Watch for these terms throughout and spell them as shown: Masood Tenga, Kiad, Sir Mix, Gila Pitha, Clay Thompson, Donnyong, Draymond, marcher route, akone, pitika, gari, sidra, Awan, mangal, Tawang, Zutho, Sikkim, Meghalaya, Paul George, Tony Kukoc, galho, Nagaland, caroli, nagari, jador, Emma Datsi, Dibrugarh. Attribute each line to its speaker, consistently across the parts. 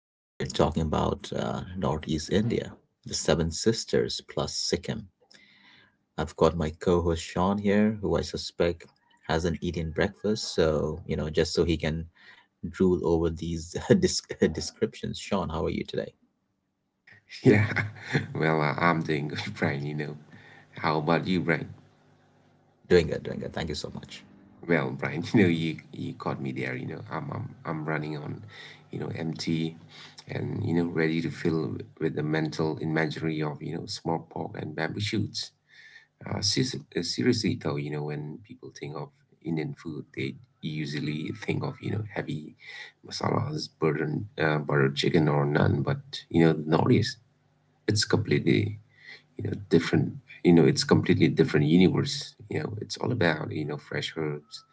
Speaker 1: Yeah, we're talking about Northeast India, the Seven Sisters plus Sikkim. I've got my co host Sean here, who I suspect hasn't eaten breakfast, so, you know, just so he can drool over these descriptions. Sean, how are you today?
Speaker 2: Yeah, well, I'm doing good, Brian, How about you, Brian?
Speaker 1: Doing good, doing good. Thank you so much.
Speaker 2: Well, Brian, you caught me there, I'm running on, empty and ready to fill with the mental imagery of, small pork and bamboo shoots. Seriously though, when people think of Indian food, they usually think of, heavy masalas, burden butter chicken or naan, but the Northeast, it's completely different. It's completely different universe. It's all about fresh herbs,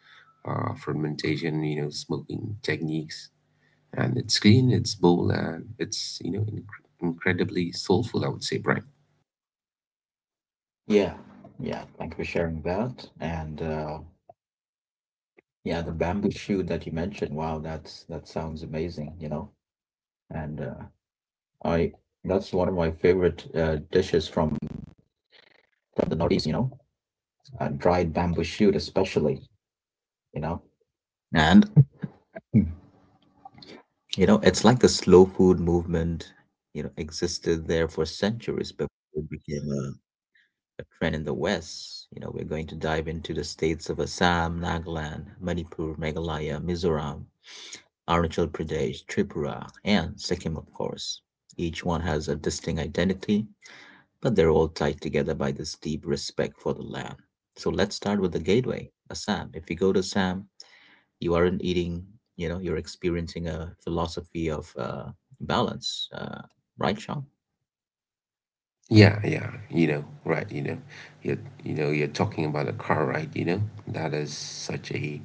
Speaker 2: fermentation, smoking techniques, and it's clean, it's bold, and it's incredibly soulful, I would say, Brian.
Speaker 1: Yeah, yeah. Thank you for sharing that. And yeah, the bamboo shoot that you mentioned. Wow, that sounds amazing. You know, and I that's one of my favorite dishes from the Northeast. You know, dried bamboo shoot, especially. You know. And Mm. You know, it's like the slow food movement, you know, existed there for centuries before it became a trend in the West. You know, we're going to dive into the states of Assam, Nagaland, Manipur, Meghalaya, Mizoram, Arunachal Pradesh, Tripura, and Sikkim, of course. Each one has a distinct identity, but they're all tied together by this deep respect for the land. So let's start with the gateway, Assam. If you go to Assam, you aren't eating, you know, you're experiencing a philosophy of balance, right, Sean?
Speaker 2: Yeah, yeah, right, you're, you're talking about a car ride, that is such a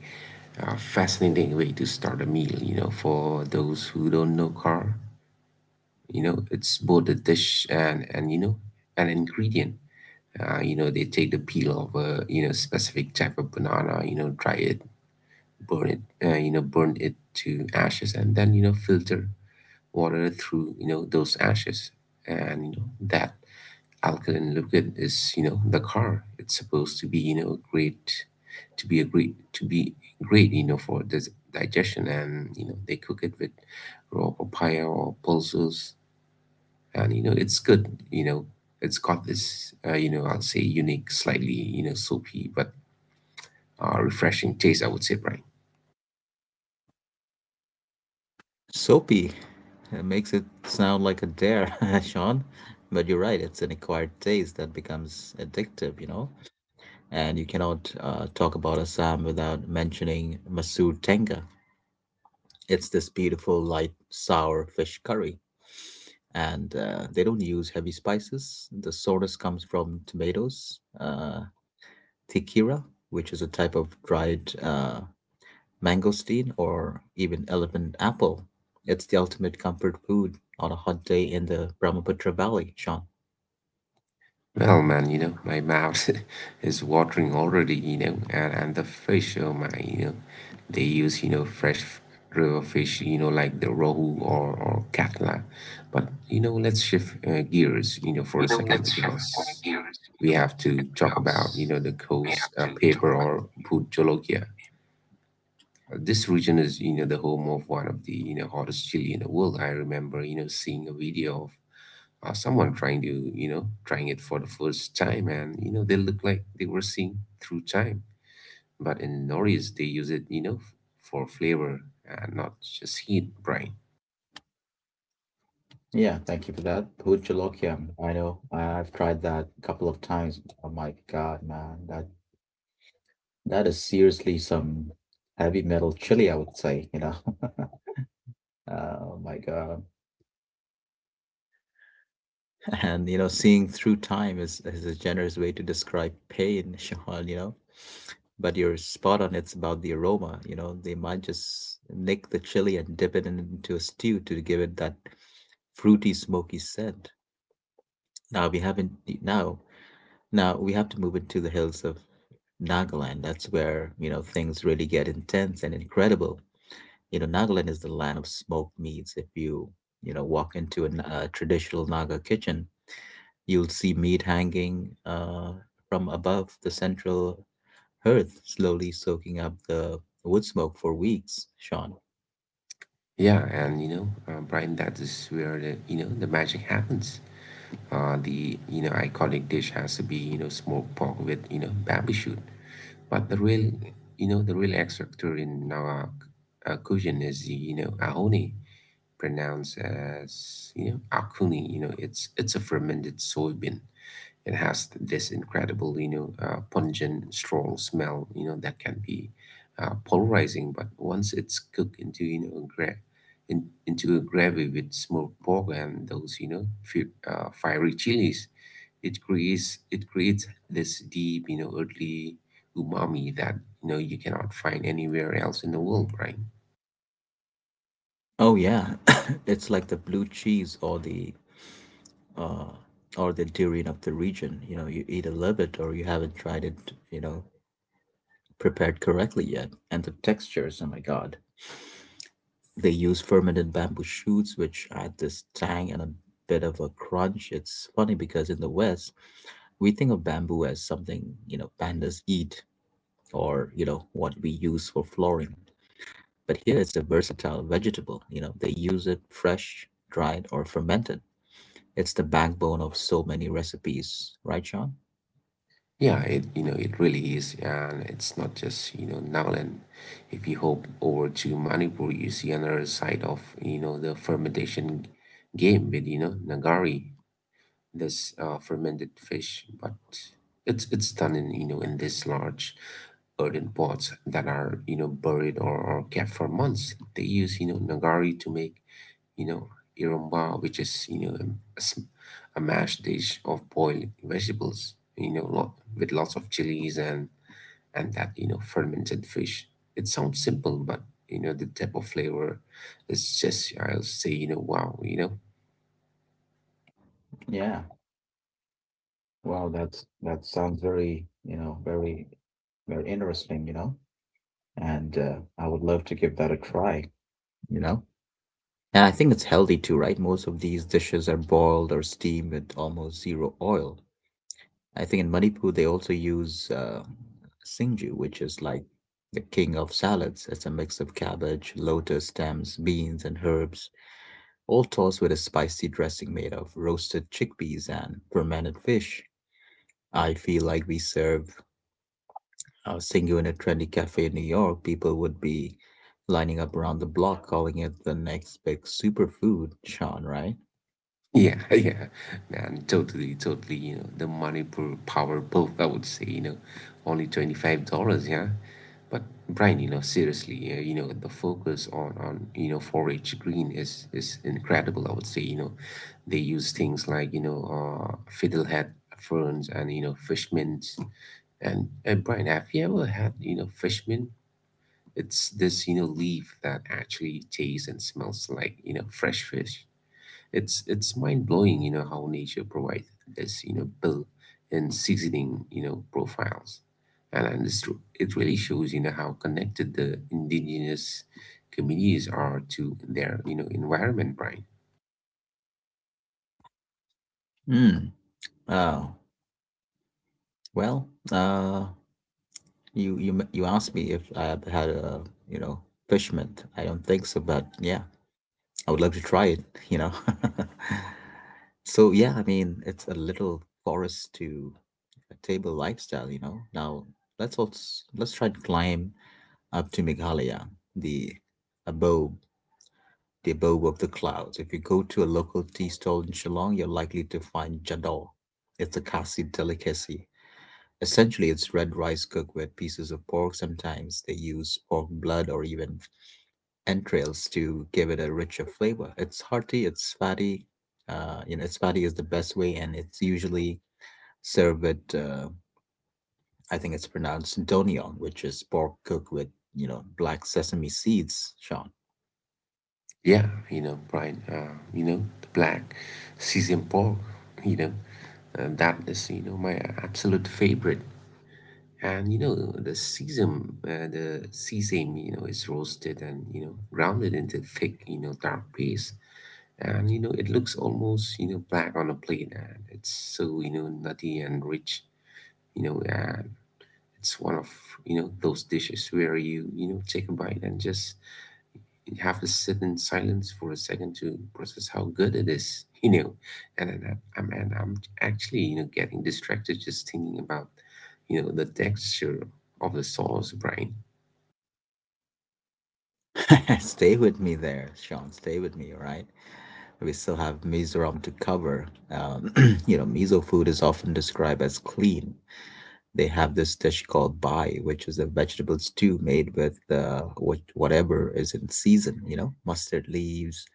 Speaker 2: fascinating way to start a meal. For those who don't know car, it's both a dish and an ingredient. They take the peel of a specific type of banana. You know, dry it, burn it. Burn it to ashes, and then filter water through those ashes, and that alkaline liquid is the car. It's supposed to be great, to be great for this digestion, and they cook it with raw papaya or pulses, and it's good. It's got this I'll say unique, slightly soapy but refreshing taste, I would say, Brian.
Speaker 1: Soapy. It makes it sound like a dare, Sean. But you're right, it's an acquired taste that becomes addictive, you know? And you cannot talk about Assam without mentioning Masood Tenga. It's this beautiful, light, sour fish curry. And they don't use heavy spices. The sourness comes from tomatoes, tikira, which is a type of dried mangosteen, or even elephant apple. It's the ultimate comfort food on a hot day in the Brahmaputra Valley, Sean.
Speaker 2: Well man, my mouth is watering already, and the fish, oh my. They use fresh river fish, like the rohu or katla, but let's shift
Speaker 1: You
Speaker 2: gears
Speaker 1: know, let's
Speaker 2: for a
Speaker 1: shift
Speaker 2: second
Speaker 1: gears
Speaker 2: because
Speaker 1: here
Speaker 2: we have to
Speaker 1: because
Speaker 2: talk about
Speaker 1: we
Speaker 2: the
Speaker 1: have to talk.
Speaker 2: coast, paper or food. This region is, the home of one of the, hottest chili in the world. I remember, seeing a video of someone trying to, trying it for the first time, and they look like they were seeing through time. But in Norris, they use it, for flavor and not just heat, Brian.
Speaker 1: Yeah, thank you for that. Bhut Jalokiam. I know. I've tried that a couple of times. Oh my God, man. That is seriously some heavy metal chili, I would say, you know. Oh my God. And you know, seeing through time is a generous way to describe pain, Shahan, you know. But you're spot on, it's about the aroma, you know. They might just nick the chili and dip it into a stew to give it that fruity, smoky scent. Now we haven't now now we have to move into the hills of Nagaland. That's where, you know, things really get intense and incredible. You know, Nagaland is the land of smoked meats. If you, you know, walk into a traditional Naga kitchen, you'll see meat hanging from above the central hearth, slowly soaking up the wood smoke for weeks, Sean.
Speaker 2: Yeah, and Brian, that is where the, the magic happens. The iconic dish has to be smoked pork with barbecue. But the real, the real X factor in our cuisine is the ahoni, pronounced as akuni. You know, it's a fermented soybean. It has this incredible, pungent, strong smell that can be polarizing. But once it's cooked into in, into a gravy with smoked pork and those fiery chilies, it creates this deep, earthly umami that you cannot find anywhere else in the world, right?
Speaker 1: Oh yeah, it's like the blue cheese uh, or the durian of the region. You know, you eat a little bit or you haven't tried it. You know, prepared correctly yet, and the textures. Oh my God, they use fermented bamboo shoots, which add this tang and a bit of a crunch. It's funny because in the West, we think of bamboo as something, you know, pandas eat or, you know, what we use for flooring. But here it's a versatile vegetable. You know, they use it fresh, dried, or fermented. It's the backbone of so many recipes, right, Sean?
Speaker 2: Yeah, it it really is, and it's not just Nagaland. If you hop over to Manipur, you see another side of the fermentation game with Nagari, this fermented fish, but it's done in these large earthen pots that are buried or kept for months. They use nagari to make you know irumba, which is s- a mashed dish of boiled vegetables, with lots of chilies and that fermented fish. It sounds simple, but the type of flavor is just, I'll say, wow,
Speaker 1: Yeah. Wow, that sounds very, you know, very interesting, you know. And I would love to give that a try, you know. And I think it's healthy too, right? Most of these dishes are boiled or steamed with almost zero oil. I think in Manipur they also use singju, which is like the king of salads. It's a mix of cabbage, lotus stems, beans, and herbs, all tossed with a spicy dressing made of roasted chickpeas and fermented fish. I feel like we serve singju in a trendy cafe in New York. People would be lining up around the block, calling it the next big superfood, Sean. Right?
Speaker 2: Yeah, yeah, man, totally, totally. You know, the money per power both, I would say, only $25, yeah. But Brian, seriously, the focus on, forage green is incredible, I would say, They use things like, fiddlehead ferns and, fish fishmins. And Brian, have you ever had, fish mint? It's this, leaf that actually tastes and smells like, fresh fish. It's mind blowing, how nature provides this, built and seasoning, profiles. And it's, it really shows, how connected the indigenous communities are to their, environment, Brian.
Speaker 1: Mm. Oh. Well. You asked me if I have had a you know fish mint. I don't think so, but yeah, I would love to try it. You know, so yeah, I mean it's a little forest to a table lifestyle. You know, now let's also let's try to climb up to Meghalaya, the abode the abode of the clouds. If you go to a local tea stall in Shillong, you're likely to find jador. It's a Khasi delicacy. Essentially, it's red rice cooked with pieces of pork. Sometimes they use pork blood or even entrails to give it a richer flavor. It's hearty, it's fatty. You know, it's fatty is the best way, and it's usually served with, I think it's pronounced donion, which is pork cooked with, you know, black sesame seeds, Sean.
Speaker 2: Yeah, Brian, the black seasoned pork, you know, and that is, my absolute favorite. And the sesame, is roasted and grounded into thick, dark paste, and it looks almost black on a plate, and it's so nutty and rich, and it's one of those dishes where you know take a bite and just have to sit in silence for a second to process how good it is and I'm actually, getting distracted just thinking about the texture of the sauce, Brian.
Speaker 1: Stay with me there, Sean. Stay with me, all right? We still have Mizoram to cover. Um, you know, miso food is often described as clean. They have this dish called bai, which is a vegetable stew made with whatever is in season. You know, mustard leaves,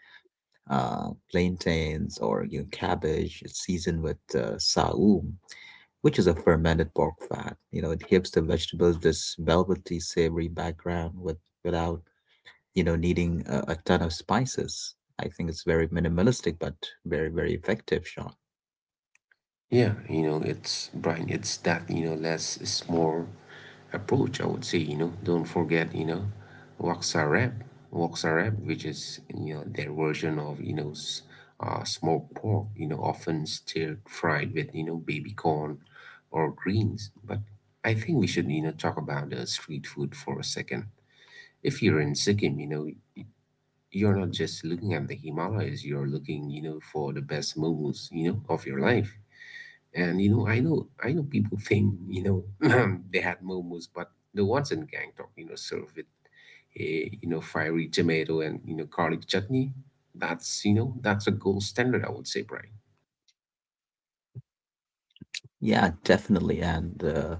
Speaker 1: plantains, or you know, cabbage. It's seasoned with saum, which is a fermented pork fat. You know, it gives the vegetables this velvety, savory background without you know needing a ton of spices. I think it's very minimalistic but very effective, Sean.
Speaker 2: Yeah, it's Brian, it's that, less is more approach, I would say, Don't forget, Waxarab, Waxarab, which is, their version of, smoked pork, often stir fried with, baby corn or greens. But I think we should, talk about the street food for a second. If you're in Sikkim, you're not just looking at the Himalayas, you're looking, for the best momos, of your life. And I know people think they had momos, but the Watson gang talk, served with a fiery tomato and garlic chutney. That's that's a gold standard, I would say, Brian.
Speaker 1: Yeah, definitely. And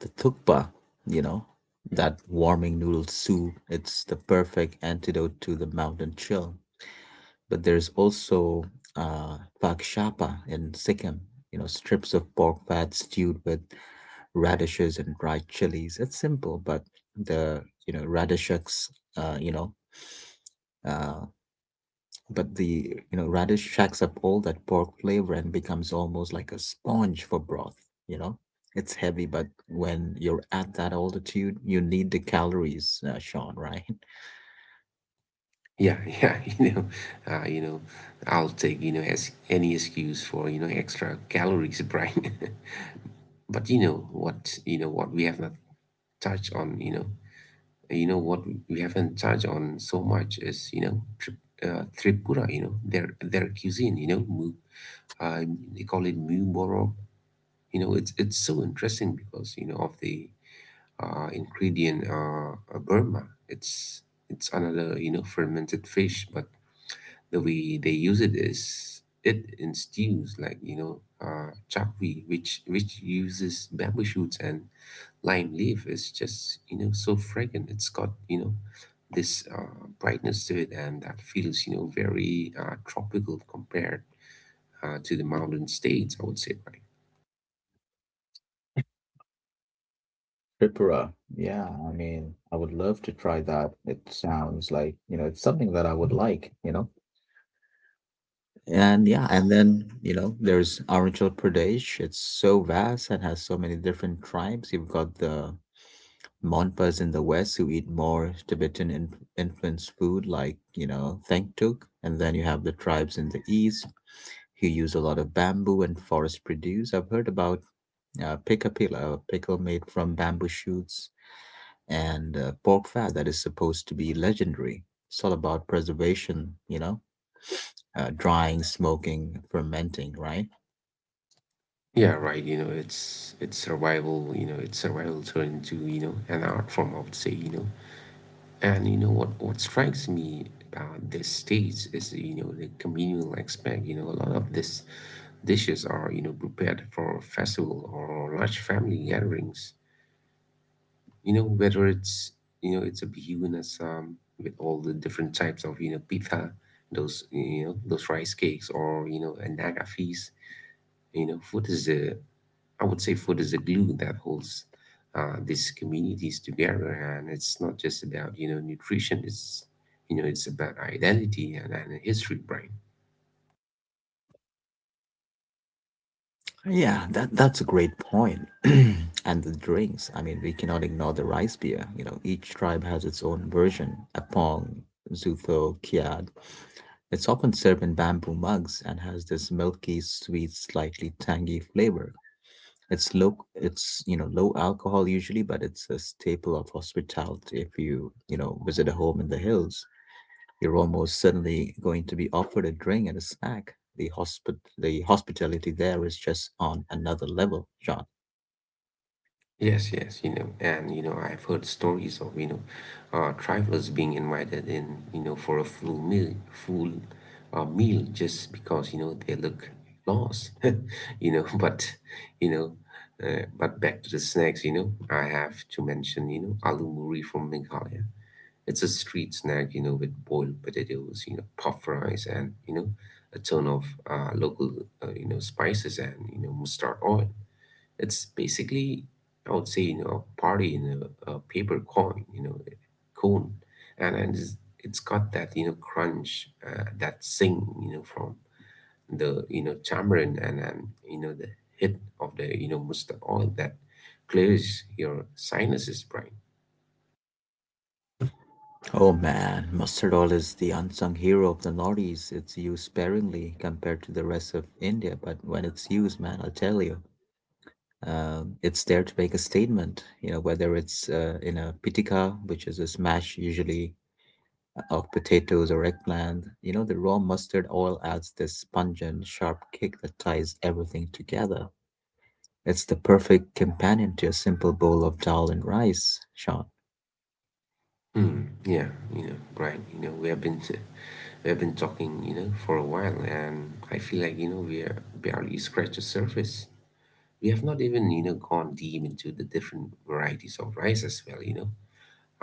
Speaker 1: the thukpa, you know, that warming noodle soup, it's the perfect antidote to the mountain chill. But there's also phak shapa in Sikkim, you know, strips of pork fat stewed with radishes and dried chilies. It's simple, but the you know radish shacks, you know, uh, but the you know radish shacks up all that pork flavor and becomes almost like a sponge for broth. You know, it's heavy, but when you're at that altitude, you need the calories, Sean. Right?
Speaker 2: Yeah, yeah, uh, you know, I'll take as any excuse for extra calories, Brian. But you know what we have not touched on, you know what we haven't touched on so much is Tripura. Their cuisine, uh, they call it mu borok. It's so interesting because of the ingredient Burma. It's another, fermented fish, but the way they use it is it in stews like chapvi, which uses bamboo shoots and lime leaf, is just so fragrant. It's got, this brightness to it, and that feels, very tropical compared to the mountain states, I would say, right?
Speaker 1: Tripura. Yeah, I mean, I would love to try that. It sounds like, you know, it's something that I would like, you know. And yeah, and then, you know, there's Arunachal Pradesh. It's so vast and has so many different tribes. You've got the Monpas in the west who eat more Tibetan in influenced food like, you know, Thangtuk. And then you have the tribes in the east who use a lot of bamboo and forest produce. I've heard about picapila, a pickle made from bamboo shoots, and pork fat that is supposed to be legendary. It's all about preservation, you know, drying, smoking, fermenting, right?
Speaker 2: Yeah right, it's survival, it's survival turned into an art form, I would say, and what strikes me about this stage is, the communal aspect. A lot of these dishes are, prepared for festival or large family gatherings, whether it's, it's a bihun with all the different types of, pita, those, those rice cakes, or, an naga feast. Food is the, I would say food is the glue that holds these communities together, and it's not just about, nutrition. It's, it's about identity and history, right?
Speaker 1: Yeah, that that's a great point. And the drinks, I mean, we cannot ignore the rice beer. You know, each tribe has its own version. Apong, Zutho, Kiad. It's often served in bamboo mugs and has this milky, sweet, slightly tangy flavor. It's low, it's you know low alcohol usually, but it's a staple of hospitality if you you know visit a home in the hills. You're almost certainly going to be offered a drink and a snack. The hospitality there is just on another level, John.
Speaker 2: Yes, yes, and I've heard stories of travelers being invited in, for a full meal, full meal, just because they look lost, But you know, but back to the snacks, I have to mention aloo muri from Meghalaya. It's a street snack, with boiled potatoes, puff rice, and a ton of local, spices and mustard oil. It's basically, I would say, a party in a paper coin, cone, and it's got that, crunch, that sing, from the tamarind and the hit of the mustard oil, that clears your sinuses, Brian.
Speaker 1: Oh man, mustard oil is the unsung hero of the Northeast. It's used sparingly compared to the rest of India, but when it's used, man, I'll tell you, it's there to make a statement. You know, whether it's in a pitika, which is a smash usually of potatoes or eggplant. You know, the raw mustard oil adds this pungent, sharp kick that ties everything together. It's the perfect companion to a simple bowl of dal and rice, Sean.
Speaker 2: Hmm. Yeah, Brian. You know, we have been talking, for a while, and I feel like we are barely scratched the surface. We have not even gone deep into the different varieties of rice as well. you know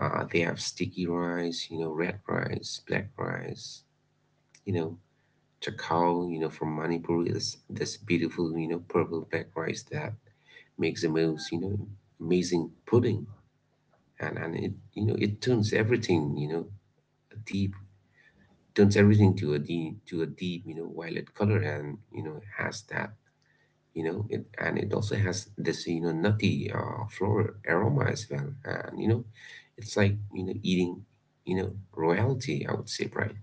Speaker 2: uh, They have sticky rice, red rice, black rice. you know Chakao, from Manipur, is this beautiful, purple black rice that makes the most, amazing pudding. And it turns everything, a deep to a deep, violet color, and has that, you know it and it also has this, nutty, floral aroma as well. And you know It's like, eating, royalty, I would say, right?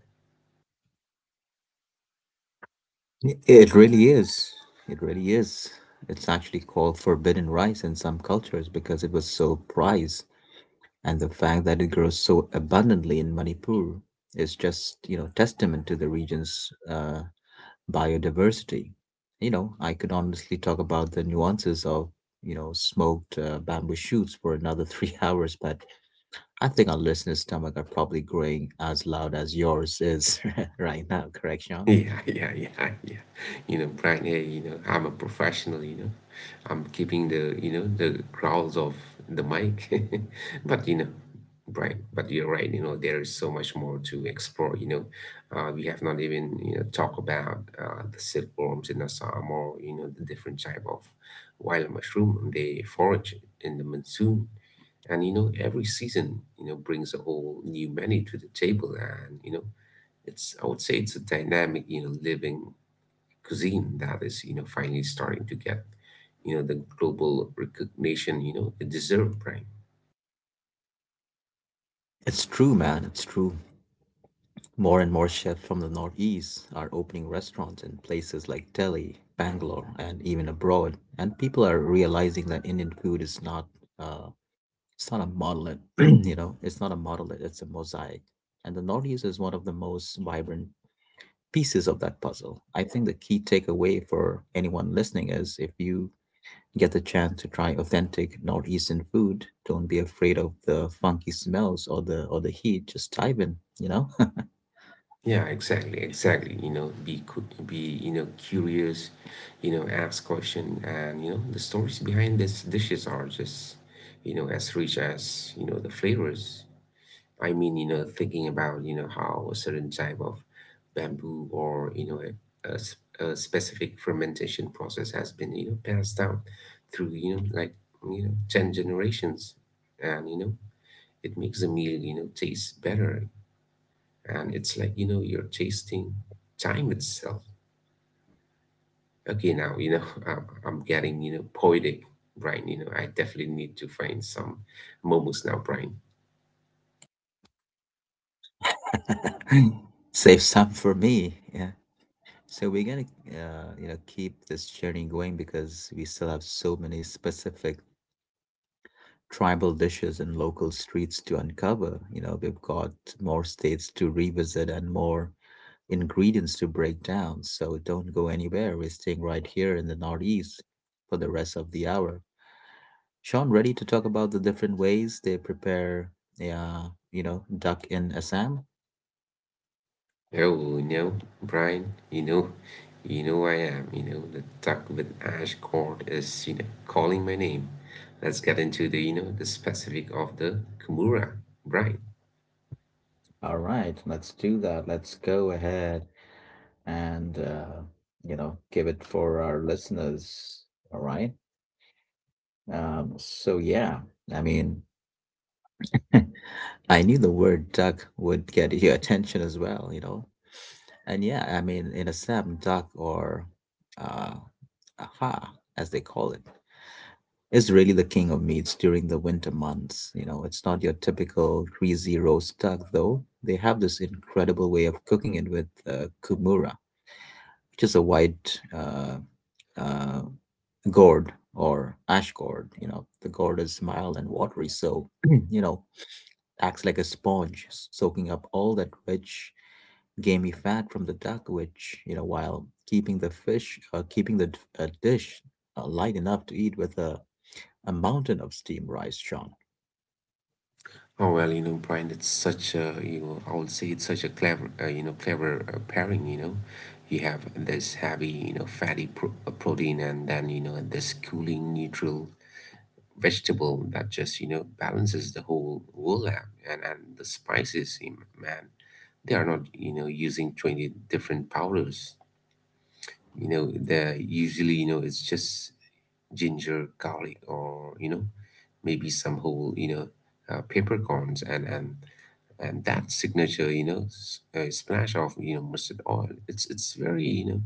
Speaker 1: It really is. It really is. It's actually called forbidden rice in some cultures because it was so prized, and the fact that it grows so abundantly in Manipur is just, you know, testament to the region's biodiversity. You know, I could honestly talk about the nuances of, you know, smoked bamboo shoots for another three hours, but I think our listeners' stomach are probably growing as loud as yours is right now, correct, Sean?
Speaker 2: Yeah, yeah, yeah, yeah. Brian, hey, I'm a professional. I'm keeping the, the growls of the mic. But, you know, Brian, but you're right, there is so much more to explore. We have not even, talked about the silkworms in Assam or, the different type of wild mushroom they forage in the monsoon. And, every season, brings a whole new menu to the table, and, it's, I would say it's a dynamic, living cuisine that is, finally starting to get, the global recognition, it deserves, Brian.
Speaker 1: It's true, man. It's true. More and more chefs from the Northeast are opening restaurants in places like Delhi, Bangalore, and even abroad. And people are realizing that Indian food is not uh, It's not a monolith, you know, it's not a monolith, it's a mosaic. And the Northeast is one of the most vibrant pieces of that puzzle. I think the key takeaway for anyone listening is if you get the chance to try authentic Northeastern food, don't be afraid of the funky smells or the heat. Just dive in, you know.
Speaker 2: Yeah, exactly, exactly. Be, could be, curious, ask question, and the stories behind these dishes are just, as rich as the flavors. I mean, thinking about, how a certain type of bamboo or, a specific fermentation process has been, passed down through, 10 generations. And, it makes the meal, taste better. And it's like, you're tasting time itself. Okay, now, I'm, getting, poetic, Brian. I definitely need to find some momos now, Brian.
Speaker 1: Save some for me. Yeah. So we're gonna, you know, keep this journey going because we still have so many specific tribal dishes and local streets to uncover. You know, we've got more states to revisit and more ingredients to break down. So don't go anywhere. We're staying right here in the Northeast for the rest of the hour. Sean, ready to talk about the different ways they prepare, yeah, you know, duck in Assam?
Speaker 2: Hello, Brian, I am, the duck with ash cord is, calling my name. Let's get into the, the specific of the Kimura, Brian.
Speaker 1: All right, let's do that. Let's go ahead and, you know, give it for our listeners. All right. Yeah, I mean, I knew the word duck would get your attention as well, you know. And yeah, I mean, in Assam, duck or uh, aha, as they call it, is really the king of meats during the winter months. You know, it's not your typical greasy roast duck, though. They have this incredible way of cooking it with kumura, which is a white uh, gourd or ash gourd. You know, the gourd is mild and watery, so you know acts like a sponge, soaking up all that rich, gamey fat from the duck, which, you know, while keeping the fish, dish light enough to eat with a mountain of steamed rice, Sean.
Speaker 2: Oh well, Brian, it's such a, I would say it's such a clever, clever, pairing, you know. You have this heavy, fatty protein, and then, this cooling neutral vegetable that just balances the whole world out. And the spices, you man, they are not using 20 different powders. They're usually, it's just ginger, garlic, or maybe some whole, peppercorns, and that signature, splash of mustard oil. It's very,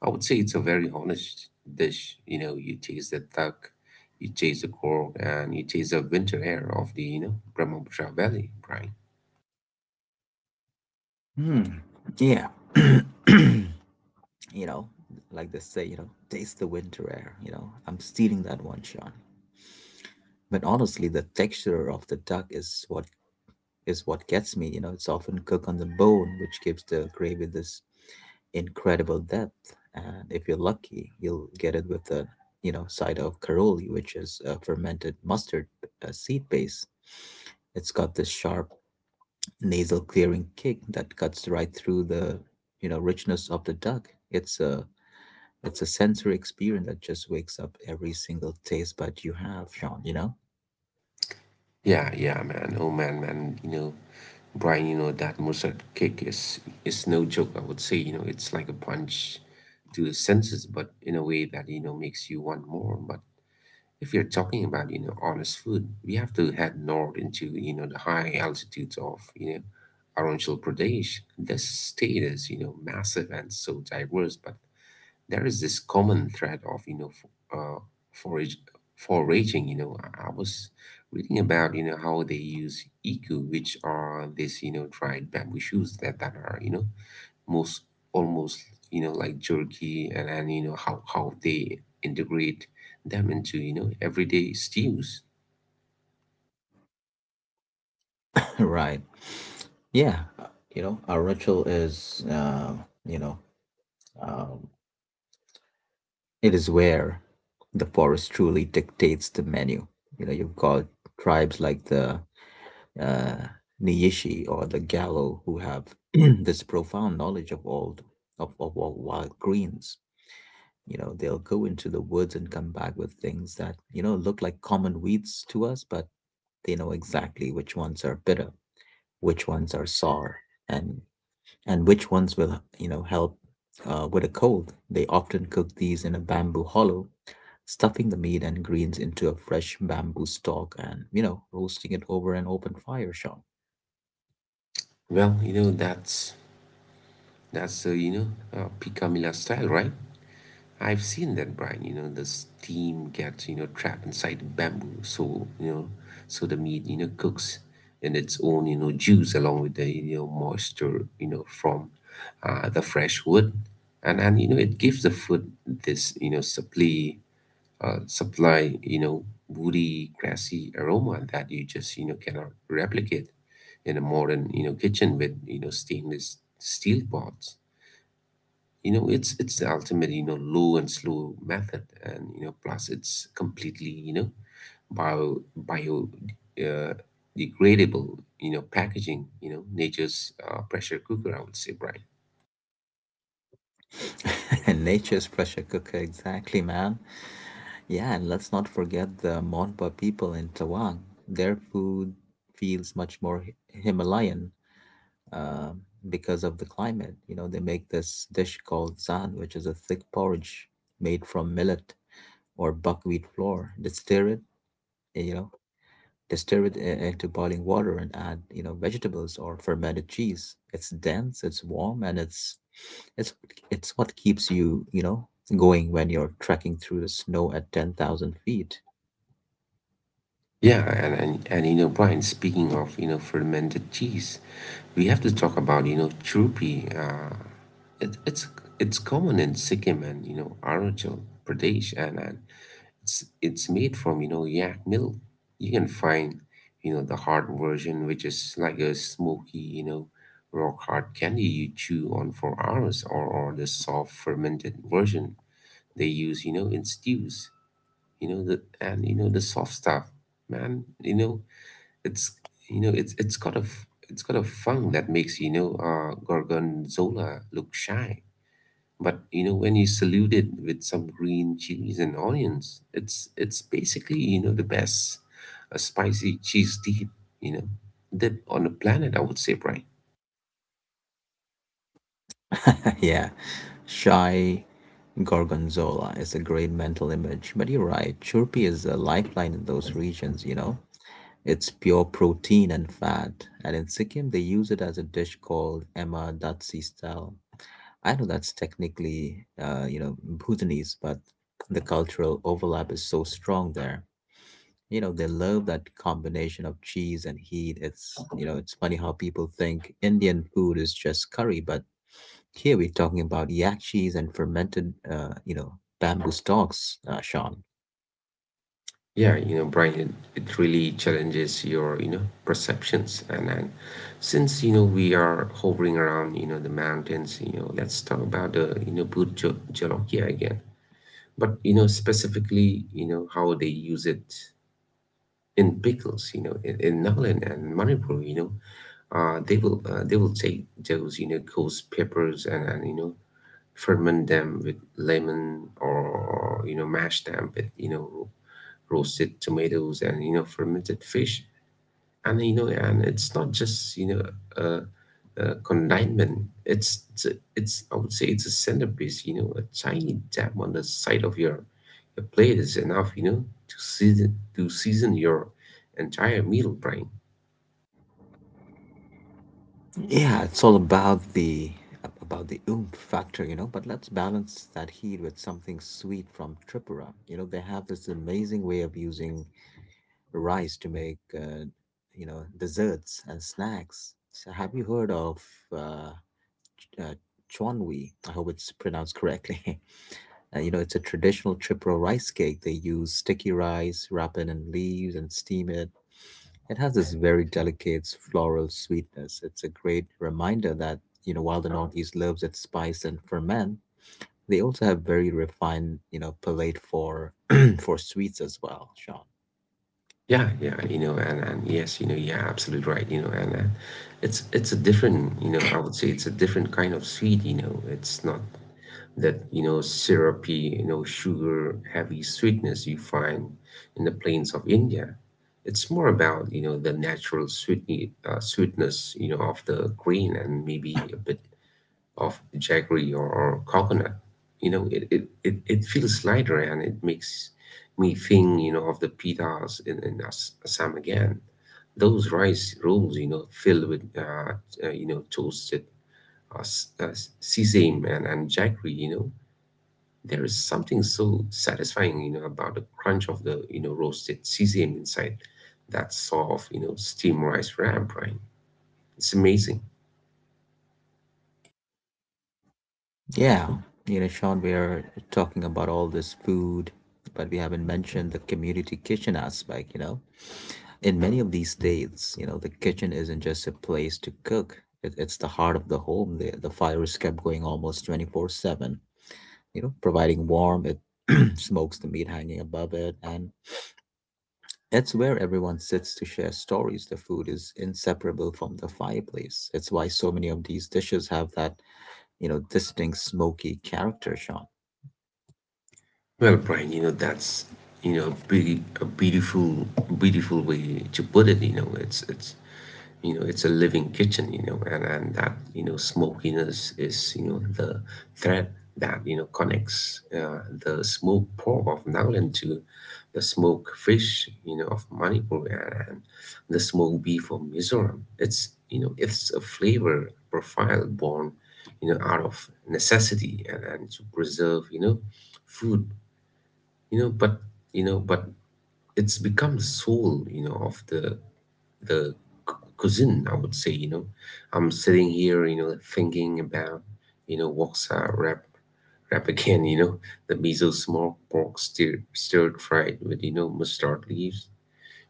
Speaker 2: I would say it's a very honest dish. You know, you taste the duck, you taste the cork, and you taste the winter air of the, Brahmaputra Valley, Brian.
Speaker 1: Hmm. Yeah. you know, like they say, you know, taste the winter air. You know, I'm stealing that one, Sean. But honestly, the texture of the duck is what gets me. You know, it's often cooked on the bone, which gives the gravy this incredible depth. And if you're lucky, you'll get it with a you know side of caroli, which is a fermented mustard seed base. It's got this sharp nasal clearing kick that cuts right through the you know richness of the duck. It's a sensory experience that just wakes up every single taste bud you have, Sean. You know.
Speaker 2: Yeah, yeah, man. Oh, man, man. Brian, that mustard kick is, no joke. I would say, it's like a punch to the senses, but in a way that, makes you want more. But, if you're talking about, honest food, we have to head north into, the high altitudes of, Arunachal Pradesh. This state is, massive and so diverse, but there is this common thread of, forage, foraging. I was reading about, how they use iku, which are these, dried bamboo shoots that, are, you know, most almost, like jerky, and you know how they integrate them into everyday stews.
Speaker 1: Right. Yeah. You know, our ritual is, you know, uh, it is where the forest truly dictates the menu. You know, you've got tribes like the uh, Niyishi or the Gallo who have this profound knowledge of of all wild greens. You know, they'll go into the woods and come back with things that you know look like common weeds to us, but they know exactly which ones are bitter, which ones are sour, and which ones will you know help with a cold. They often cook these in a bamboo hollow, stuffing the meat and greens into a fresh bamboo stalk, and you know roasting it over an open fire, Sean.
Speaker 2: Well, that's, that's uh, you know picamilla style, right? I've seen that, Brian. The steam gets, trapped inside bamboo. So so the meat, cooks in its own, juice, along with the, moisture, from the fresh wood. And it gives the food this, supply, woody, grassy aroma that you just, cannot replicate in a modern, kitchen with, stainless steel pots. It's the ultimate, low and slow method. And plus it's completely, you know bio bio uh, degradable, packaging. Nature's, pressure cooker, I would say, Brian.
Speaker 1: Nature's pressure cooker, exactly, man. Yeah, and let's not forget the Monpa people in Tawang. Their food feels much more Himalayan um, because of the climate. You know, they make this dish called zan, which is a thick porridge made from millet or buckwheat flour. You know, they stir it into boiling water and add, you know, vegetables or fermented cheese. It's dense, it's warm, and it's it's what keeps you, you know, going when you're trekking through the snow at 10,000 feet.
Speaker 2: Yeah, and Brian, speaking of, fermented cheese, we have to talk about, chirpy. It's, common in Sikkim and, Arunachal Pradesh, and, it's made from, yak milk. You can find, the hard version, which is like a smoky, rock hard candy you chew on for hours, or the soft fermented version they use, in stews, the soft stuff, man. It's it's got a funk that makes, gorgonzola look shy. But when you salute it with some green chilies and onions, it's basically, the best, a spicy cheese dip, you know dip on the planet, I would say, Brian.
Speaker 1: Yeah, shy, Gorgonzola is a great mental image, but you're right. Chirpy is a lifeline in those regions, you know? It's pure protein and fat. And in Sikkim, they use it as a dish called Emma Datsi style. I know that's technically, you know, Bhutanese, but the cultural overlap is so strong there. You know, they love that combination of cheese and heat. It's, you know, it's funny how people think Indian food is just curry, but here we're talking about yakchis and fermented, you know, bamboo stalks, Sean.
Speaker 2: Yeah, Brian, it really challenges your, perceptions. And then, since we are hovering around, the mountains, let's talk about the, Burj Jolokia again. But specifically, how they use it in pickles, in Nagaland and Manipur. They will, take those, ghost peppers, and, ferment them with lemon, or mash them with, roasted tomatoes and, fermented fish. And it's not just, a condiment. It's, I would say it's a centerpiece. A tiny dab on the side of your, plate is enough, to season your entire meal, Brian.
Speaker 1: Yeah, it's all about the oomph factor, you know. But let's balance that heat with something sweet from Tripura. You know, they have this amazing way of using rice to make, you know, desserts and snacks. So have you heard of uh, uh, chonwi? I hope it's pronounced correctly. You know, it's a traditional Chipro rice cake. They use sticky rice, wrap it in leaves, and steam it. It has this very delicate floral sweetness. It's a great reminder that, you know, while the Northeast loves its spice and ferment, they also have very refined, you know, palate for for sweets as well, Sean.
Speaker 2: Yeah, yeah, you know and yes you know yeah absolutely right, you know and it's, a different, I would say it's a different kind of sweet. It's not that, syrupy, sugar heavy sweetness you find in the plains of India. It's more about, the natural sweetness, of the grain, and maybe a bit of jaggery or, coconut. It feels lighter, and it makes me think, of the pitas in, Assam again. Those rice rolls, filled with, toasted, uh, s- uh, sesame, and, jaggery. There is something so satisfying, about the crunch of the, roasted sesame inside that soft, steamed rice wrap, Brian. It's amazing.
Speaker 1: Yeah, you know, Sean, we are talking about all this food, but we haven't mentioned the community kitchen aspect, you know. In many of these states, you know, the kitchen isn't just a place to cook. It's the heart of the home. The fire is kept going almost 24/7, you know, providing warmth. It smokes the meat hanging above it, and it's where everyone sits to share stories. The food is inseparable from the fireplace. It's why so many of these dishes have that you know distinct smoky character, Sean.
Speaker 2: Well, Brian, that's, pretty, a beautiful, beautiful way to put it, it's a living kitchen. You know and that, smokiness is, the thread that, connects, the smoked pork of Nagaland to the smoked fish, of Manipur, and the smoked beef of Mizoram. It's you know It's a flavor profile born, out of necessity, and, to preserve, food. You know but you know but It's become the soul, of the, the cuisine, I would say, I'm sitting here, thinking about, what's wrap again, the miso smoked pork stirred fried with, mustard leaves.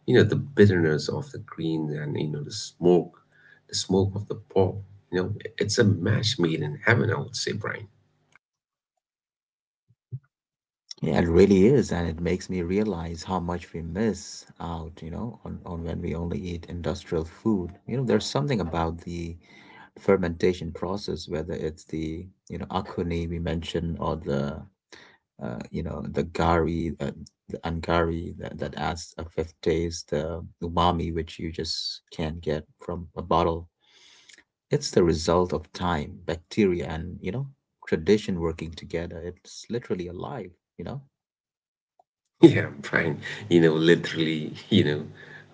Speaker 2: You know, the bitterness of the greens and, the smoke, of the pork. You know, it's a match made in heaven, I would say, Brian.
Speaker 1: Yeah, it really is, and it makes me realize how much we miss out, you know, on when we only eat industrial food. You know, there's something about the fermentation process, whether it's the you know akone we mentioned or the you know the gari, the angari that, that adds a fifth taste, the umami, which you just can't get from a bottle. It's the result of time, bacteria, and you know tradition working together. It's literally alive. You know.
Speaker 2: Yeah, Brian, literally, you know,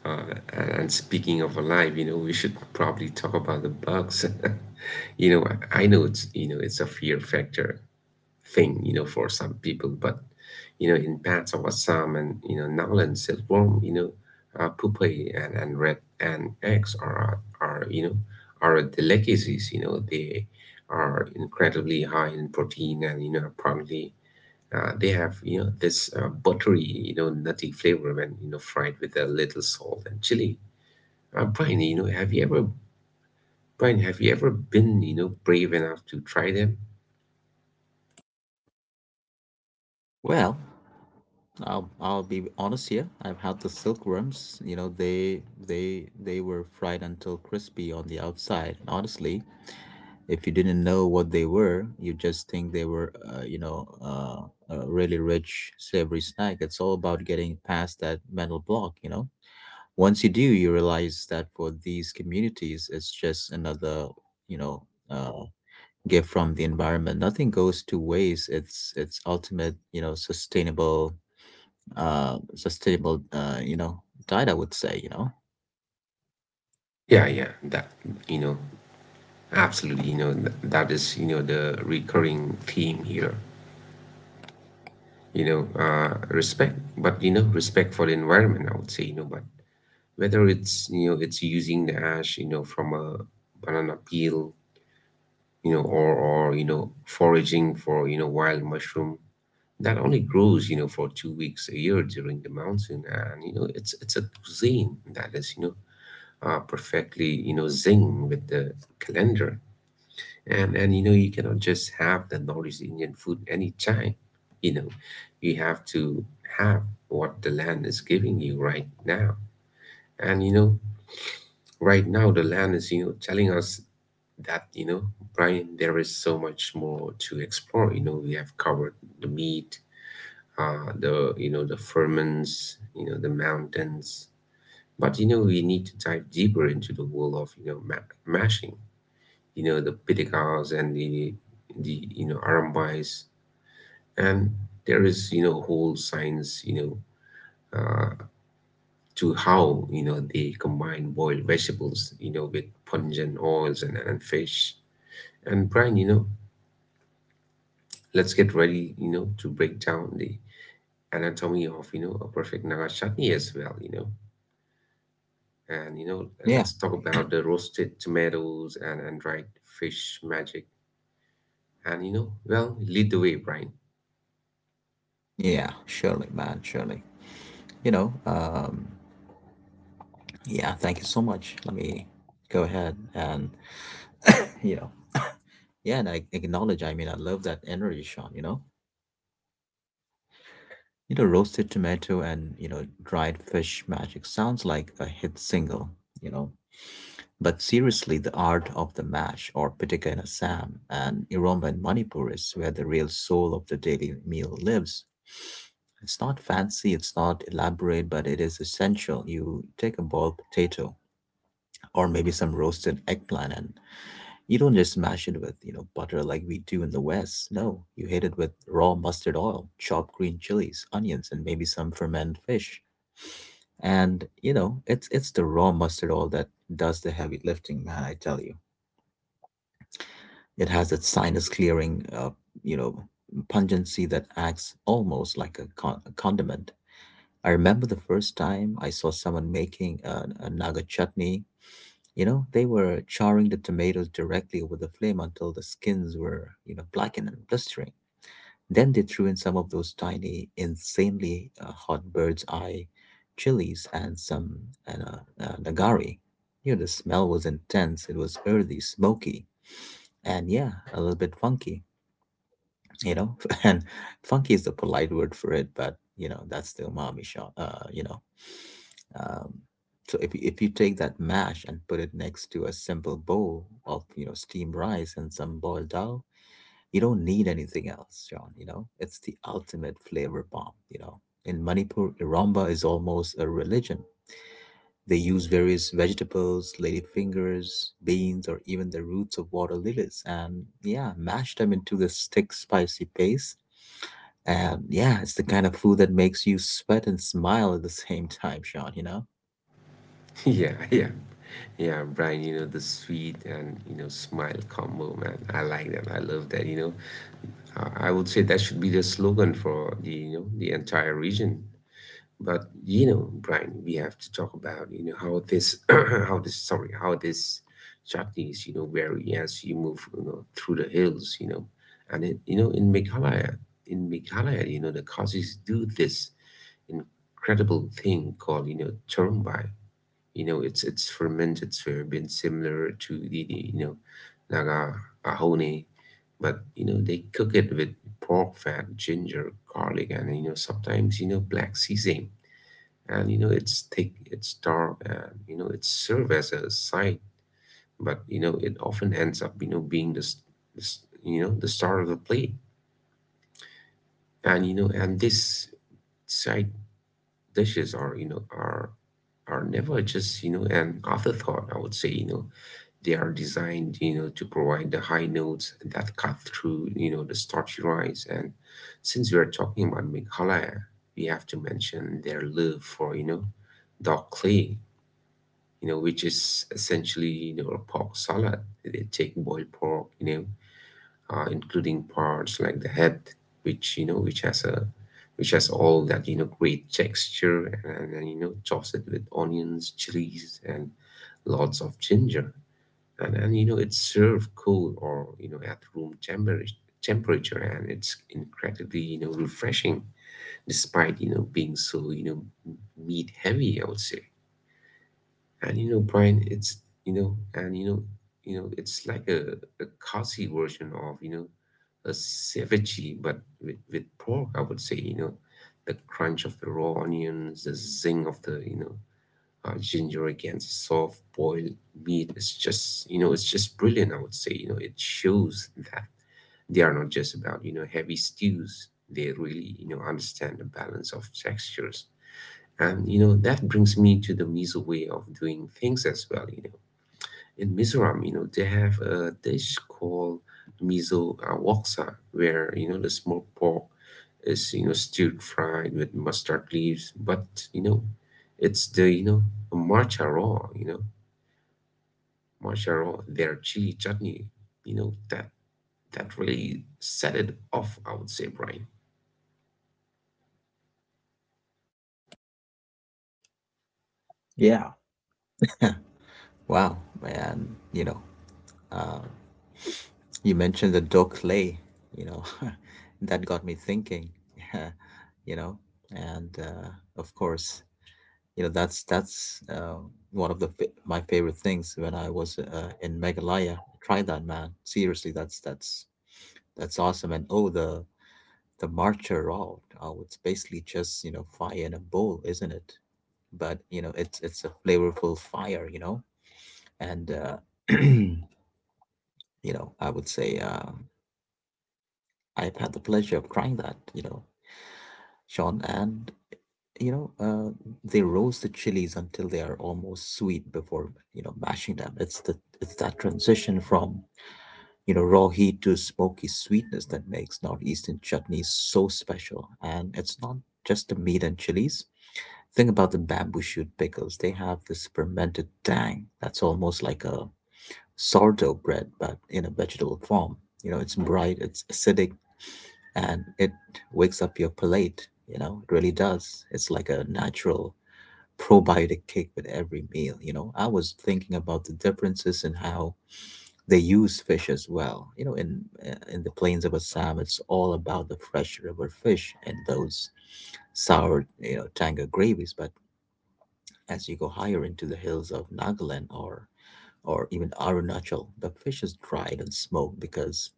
Speaker 2: uh, and speaking of alive, we should probably talk about the bugs. You know, I know it's, it's a fear factor thing, for some people, but, in parts of Assam and, Nowland silkworm, pupae, and red and eggs are, are delicacies. They are incredibly high in protein and, apparently, they have, this, buttery, nutty flavor when, fried with a little salt and chili. Uh, Brian, you know have you ever Brian, have you ever been, brave enough to try them?
Speaker 1: Well, I'll be honest here. I've had the silkworms. You know, they were fried until crispy on the outside. And honestly, if you didn't know what they were, you just think they were, a really rich savory snack. It's all about getting past that mental block, you know. Once you do, you realize that for these communities, it's just another, you know, uh, gift from the environment. Nothing goes to waste. It's ultimate, you know, sustainable, you know, diet. I would say, you know,
Speaker 2: Yeah, yeah, that, you know absolutely, that is, the recurring theme here. Respect, but respect for the environment. I would say, but whether it's using the ash, from a banana peel, or foraging for, wild mushroom that only grows, for 2 weeks a year during the monsoon. And it's a cuisine that is, perfectly, zing with the calendar. And you cannot just have the Northeast Indian food anytime, you know, you have to have what the land is giving you right now. And right now the land is, telling us that, Brian, there is so much more to explore. We have covered the meat, the, the ferments, the mountains, but we need to dive deeper into the world of, mashing, the piticas and the, the arambais. And there is, whole science, uh, to how, they combine boiled vegetables, with pungent oils and fish. And Brian, let's get ready, to break down the anatomy of, a perfect Naga chutney as well. And,
Speaker 1: yeah,
Speaker 2: let's talk about the roasted tomatoes and dried fish magic. And, well, lead the way, Brian.
Speaker 1: yeah, surely, man, surely. You know, yeah, thank you so much. Let me go ahead and, you know, yeah, and I acknowledge, I love that energy, Sean, you know? You know, roasted tomato and, you know, dried fish magic sounds like a hit single, you know? But seriously, the art of the mash or pitika in Assam and Iromba in Manipur is where the real soul of the daily meal lives. It's not fancy, it's not elaborate, but it is essential. You take a boiled potato or maybe some roasted eggplant. And you don't just mash it with, you know, butter like we do in the West. No, you hit it with raw mustard oil, chopped green chilies, onions, and maybe some fermented fish. And, you know, it's the raw mustard oil that does the heavy lifting, man, I tell you. It has that sinus clearing, you know, pungency that acts almost like a condiment. I remember the first time I saw someone making a naga chutney. You know, they were charring the tomatoes directly over the flame until the skins were, you know, blackened and blistering. Then they threw in some of those tiny, insanely hot bird's eye chilies and some nagari. You know, the smell was intense. It was earthy, smoky, and yeah, a little bit funky, you know. And funky is the polite word for it, but you know that's the umami shot, you know. um so if you take that mash and put it next to a simple bowl of you know steamed rice and some boiled dal, you don't need anything else, John, you know. It's the ultimate flavor bomb, you know. In Manipur, iramba is almost a religion. They use various vegetables, ladyfingers, beans, or even the roots of water lilies, and yeah, mash them into this thick, spicy paste. And yeah, it's the kind of food that makes you sweat and smile at the same time, Sean, you know?
Speaker 2: Yeah, yeah. Yeah, Brian, the sweet and, smile combo, man. I like that. I love that. I would say that should be the slogan for the, the entire region. But Brian, we have to talk about, how this how this, sorry, how this chutney is, vary as you move, through the hills, and it, in Meghalaya, the khazis do this incredible thing called, churumbai. It's fermented soybean similar to the, the Naga ahone. But they cook it with pork fat, ginger, garlic, and, sometimes, black sesame. And, it's thick, it's dark, and, it serves as a side, but, it often ends up, being the, the, the star of the plate. And you know and these side dishes are, are never just, an afterthought, I would say. They are designed, to provide the high notes that cut through, the starchy rice. And since we are talking about Meghalaya, we have to mention their love for, dark clay, which is essentially, a pork salad. They take boiled pork, including parts like the head, which, which has a, which has all that, great texture, and toss it with onions, chilies, and lots of ginger. And it's served cold or, at room temperature. And it's incredibly, refreshing, despite, being so, meat heavy, I would say. And, Brian, it's you know and you know it's like a Khasi version of, a ceviche but with pork, I would say. The crunch of the raw onions, the zing of the, ginger against soft boiled meat, it's just, it's just brilliant, I would say. It shows that they are not just about, heavy stews. They really, understand the balance of textures. And, that brings me to the Miso way of doing things as well. In Mizoram, they have a dish called miso, waksa, where, the smoked pork is, stewed, fried with mustard leaves. But, it's the, matcha raw, matcha raw, their chili chutney, that really set it off, I would say, Brian.
Speaker 1: Yeah. Wow, man, you know, uh, you mentioned the Dokle, you know, that got me thinking. Yeah, you know, and of course, you know, that's one of the my favorite things when I was in Meghalaya. Try that, man. Seriously, that's awesome. And oh, the marcher route. Oh, it's basically just you know fire in a bowl, isn't it? But you know, it's a flavorful fire, you know. And you know, I would say I've had the pleasure of trying that, you know, Sean. And you know, they roast the chilies until they are almost sweet before you know mashing them. It's the it's that transition from you know raw heat to smoky sweetness that makes Northeastern chutneys so special. And it's not just the meat and chilies. Think about the bamboo shoot pickles. They have this fermented tang that's almost like a sourdough bread, but in a vegetable form. You know, it's bright, it's acidic, and it wakes up your palate. You know, it really does. It's like a natural probiotic kick with every meal. I was thinking about the differences in how they use fish as well. You know, in the plains of Assam, it's all about the fresh river fish and those sour, you know, tanga gravies. But as you go higher into the hills of Nagaland or even Arunachal, the fish is dried and smoked because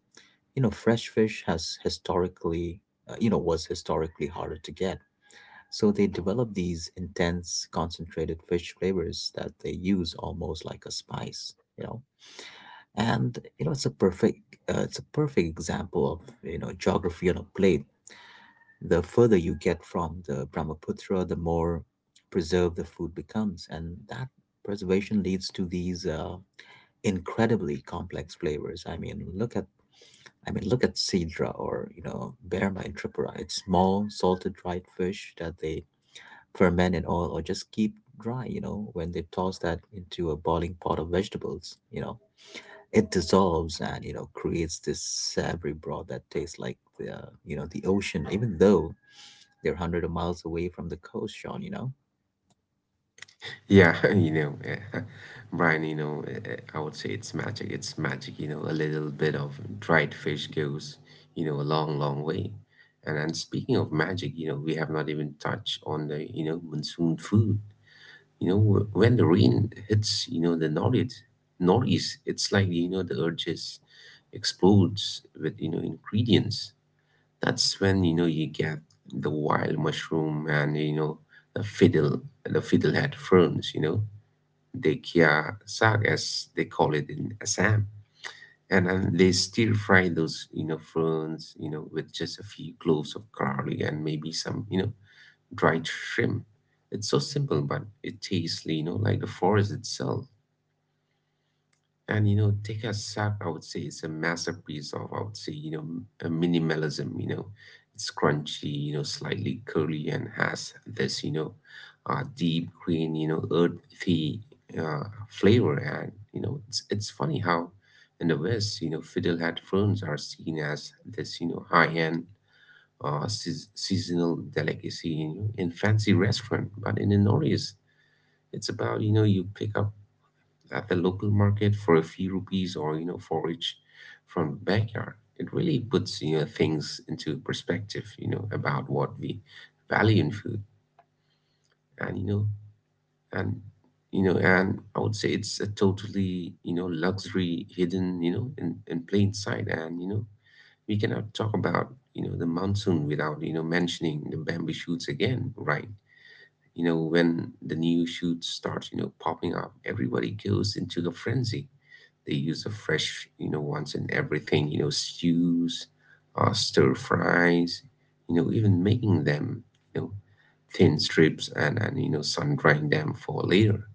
Speaker 1: you know fresh fish has historically, you know, was historically harder to get. So they develop these intense concentrated fish flavors that they use almost like a spice, you know. And you know it's a perfect example of, you know, geography on a plate. The further you get from the Brahmaputra, the more preserved the food becomes, and that preservation leads to these incredibly complex flavors. I mean look at Sidra or, you know, Berma in Tripura. It's small salted dried fish that they ferment in oil or just keep dry. You know, when they toss that into a boiling pot of vegetables, you know, it dissolves and, you know, creates this savory broth that tastes like the you know the ocean, even though they're hundreds of miles away from the coast, Sean. You know,
Speaker 2: Yeah, eh, Brian, eh, eh, I would say it's magic. It's magic, a little bit of dried fish goes, a long, long way. And speaking of magic, we have not even touched on the, monsoon food. When the rain hits, the northeast, it's like, the earth just explodes with, ingredients. That's when, you get the wild mushroom and, the fiddlehead ferns, dekia sag, as they call it in Assam. And then they stir fry those, ferns, with just a few cloves of garlic and maybe some, dried shrimp. It's so simple, but it tastes, like the forest itself. And take a sack, I would say it's a masterpiece of, I would say, a minimalism. It's crunchy, slightly curly and has this, deep green, earthy, uh, flavor. And, it's funny how in the West, fiddlehead ferns are seen as this, high-end, seasonal delicacy, in fancy restaurant. But in the Northeast, it's about, you pick up at the local market for a few rupees or forage from the backyard. It really puts, things into perspective, about what we value in food. And you know and you know and I would say it's a totally, luxury hidden, in plain sight. And we cannot talk about, the monsoon without, mentioning the bamboo shoots again, right, when the new shoots start, popping up, everybody goes into a frenzy. They use the fresh, ones in everything, stews, stir fries, even making them, you know, thin strips, and sun drying them for later.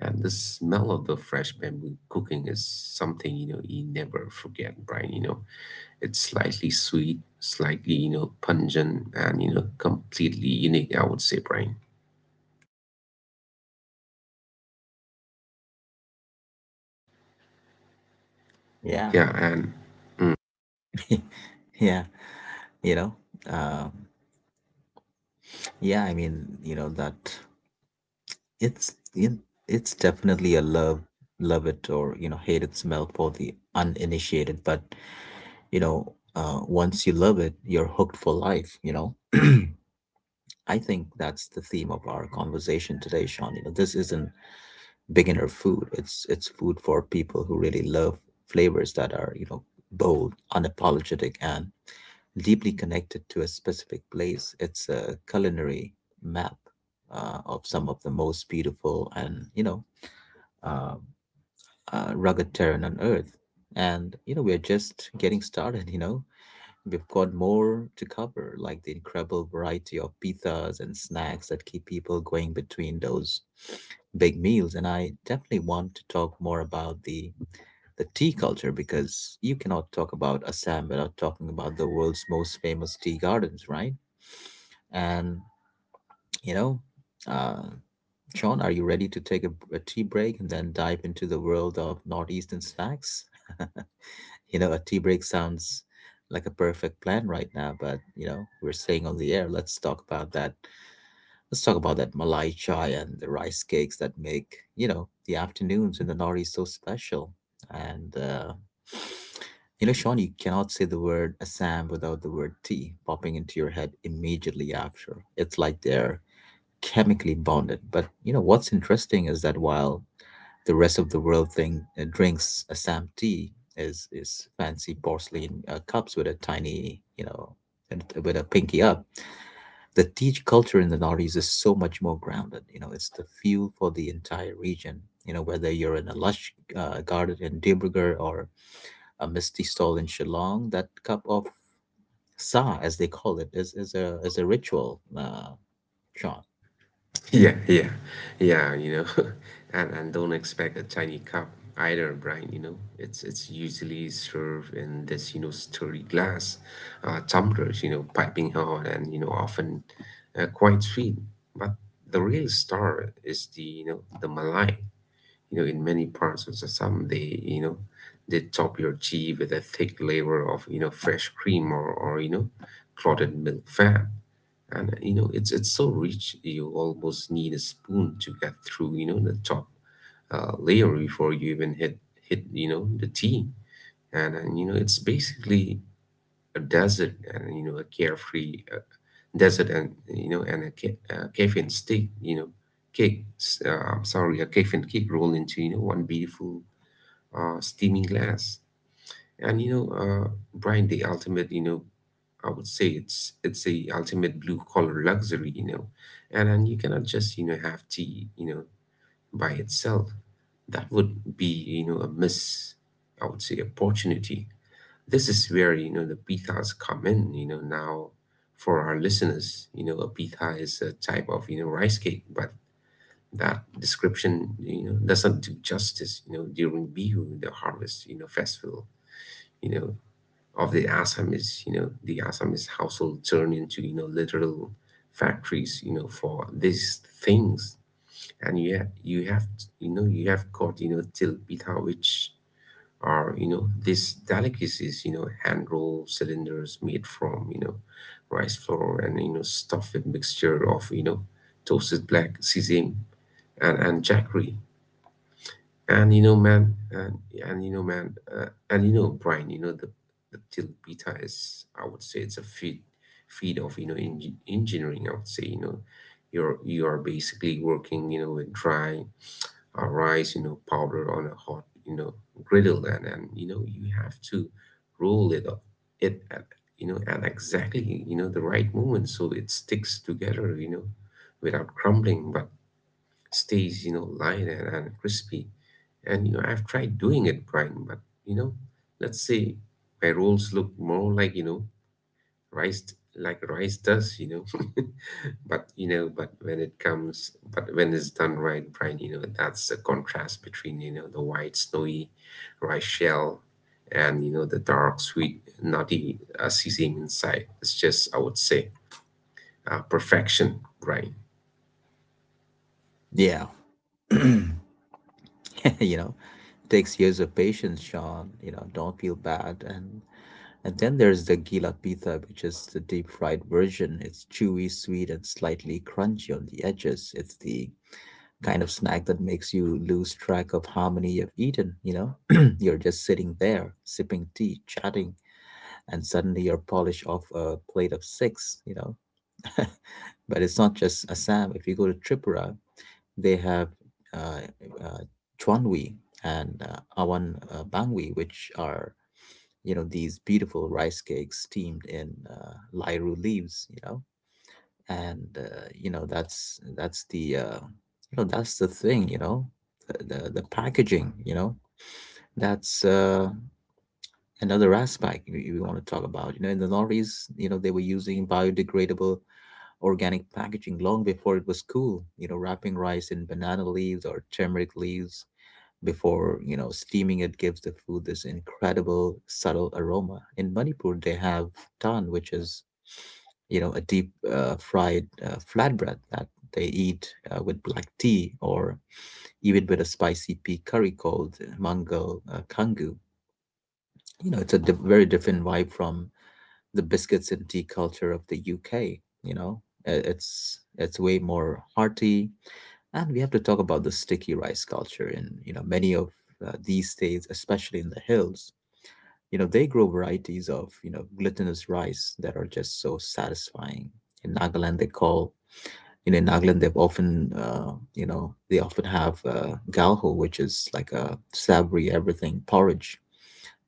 Speaker 2: And the smell of the fresh bamboo cooking is something, you never forget, Brian. It's slightly sweet, slightly, pungent and, completely unique, I would say, Brian.
Speaker 1: yeah.
Speaker 2: Yeah, and
Speaker 1: yeah you know um yeah. I mean, you know, that it's it, it's definitely a love, love it or, you know, hate it smell for the uninitiated. But you know uh, once you love it, you're hooked for life, you know. I think that's the theme of our conversation today, Sean. You know, this isn't beginner food. It's food for people who really love flavors that are, you know, bold, unapologetic, and deeply connected to a specific place. It's a culinary map of some of the most beautiful and, you know, um rugged terrain on earth. And, you know, we're just getting started, you know. We've got more to cover, like the incredible variety of pizzas and snacks that keep people going between those big meals. And I definitely want to talk more about the tea culture, because you cannot talk about Assam without talking about the world's most famous tea gardens, right? And you know, uh, Sean, are you ready to take a tea break and then dive into the world of northeastern snacks? You know, a tea break sounds like a perfect plan right now, but you know, we're staying on the air. Let's talk about that. Let's talk about that Malai chai and the rice cakes that make, you know, the afternoons in the Northeast so special. And You know, Sean, you cannot say the word Assam without the word tea popping into your head immediately after. It's like they're chemically bonded. But you know, what's interesting is that while the rest of the world thing drinks Assam tea is fancy porcelain cups with a tiny, you know, and with a pinky up. The tea culture in the Northeast is so much more grounded. You know, it's the fuel for the entire region. You know, whether you're in a lush garden in Dibrugarh or a misty stall in Shillong, that cup of sa, as they call it, is a ritual, Sean.
Speaker 2: Yeah, yeah, yeah, and don't expect a tiny cup either, Brian. It's usually served in this, sturdy glass, tumblers, piping hot and, often, quite sweet. But the real star is the, the Malai, in many parts of the some they, they top your tea with a thick layer of, fresh cream or, clotted milk fat. And, it's so rich you almost need a spoon to get through, the top, layer before you even hit, the tea. And it's basically a desert and, a carefree, desert, and, and a, a caffeine stick, I'm sorry, a caffeine cake rolled into, one beautiful, steaming glass. And Brian, the ultimate, I would say it's a ultimate blue collar luxury. And you cannot just, have tea, by itself. That would be, a miss, I would say, opportunity. This is where, the pithas come in, now for our listeners, a pitha is a type of, rice cake, but that description, doesn't do justice. During Bihu, the harvest, festival, you know, of the Assamese, the Assamese household turn into, literal factories, for these things. And you have got, till pitha, which are, these delicacies, hand rolled cylinders made from, rice flour and, stuffed with mixture of, toasted black sesame and jackery. And you know man and you know man and Brian, the tilapita is, I would say, it's a feat of, engineering, I would say. You are basically working, with dry a rice, powder on a hot, griddle. And you have to roll it up, it at at exactly, the right moment so it sticks together, without crumbling, but stays, light and crispy. And I've tried doing it, Brian, but let's say my rolls look more like rice, like rice does but you know but when it comes, but when it's done right, Brian, that's the contrast between the white snowy rice shell and the dark sweet nutty seasoning inside. It's just, I would say, perfection, Brian.
Speaker 1: Yeah. you know, takes years of patience, Sean. You know, don't feel bad. And then there's the Gila Pitha, which is the deep fried version. It's chewy, sweet, and slightly crunchy on the edges. It's the kind of snack that makes you lose track of how many you've eaten, you know? You're just sitting there, sipping tea, chatting, and suddenly you're polished off a plate of six, you know? but it's not just Assam. If you go to Tripura, they have uh, uh, Chwanwi and Awan Bangwi, which are, you know, these beautiful rice cakes steamed in lyru leaves. You know, that's the you know that's the thing. You know, the packaging. You know, that's another aspect we want to talk about. You know, in the lorries, you know, they were using biodegradable organic packaging long before it was cool. You know, wrapping rice in banana leaves or turmeric leaves before, you know, steaming it gives the food this incredible subtle aroma. In Manipur they have tan, which is, you know, a deep fried flatbread that they eat with black tea or even with a spicy pea curry called mangal kangu. You know, it's a very different vibe from the biscuits and tea culture of the UK. You know, uh, it's way more hearty. And we have to talk about the sticky rice culture in, you know, many of, these states, especially in the hills. You know, they grow varieties of, you know, glutinous rice that are just so satisfying. In Nagaland, they call, you know, in Nagaland, they've often, they often have galho, which is like a savory everything porridge.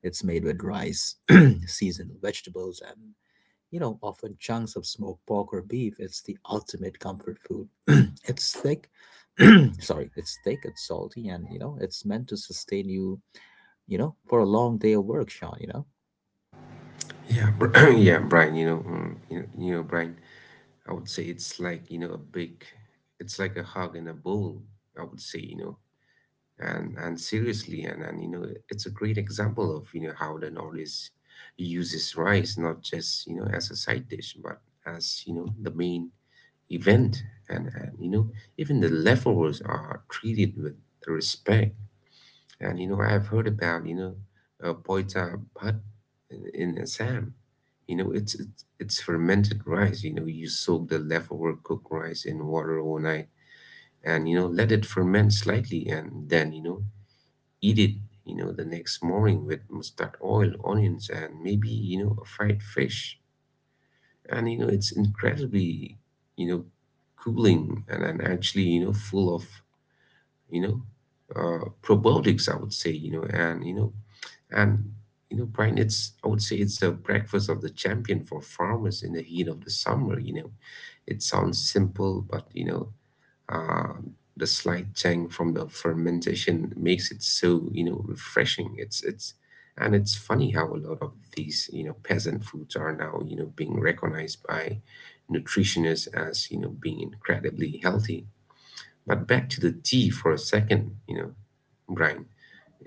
Speaker 1: It's made with rice, seasonal vegetables, and, you know, often chunks of smoked pork or beef. It's the ultimate comfort food. it's thick, sorry, it's thick, it's salty, and you know, it's meant to sustain you, you know, for a long day of work, Sean. You know,
Speaker 2: Yeah Brian, Brian, I would say it's like a big it's like a hug in a bowl, I would say And seriously, and you know it's a great example of how the Nordics uses rice, not just as a side dish, but as the main event. And you know Even the leftovers are treated with respect. And I've heard about poita bhat in Assam. It's fermented rice. You soak the leftover cooked rice in water all night, and let it ferment slightly, and then eat it the next morning with mustard oil, onions, and maybe a fried fish. And it's incredibly, you know, cooling and, actually full of, you know, probiotics, I would say, you know, and, you know, and, you know, Brian. It's, I would say it's a breakfast of the champion for farmers in the heat of the summer. It sounds simple, butuh, the slight tang from the fermentation makes it so refreshing. It's funny how a lot of these peasant foods are now being recognized by nutritionists as being incredibly healthy. But back to the tea for a second Brian.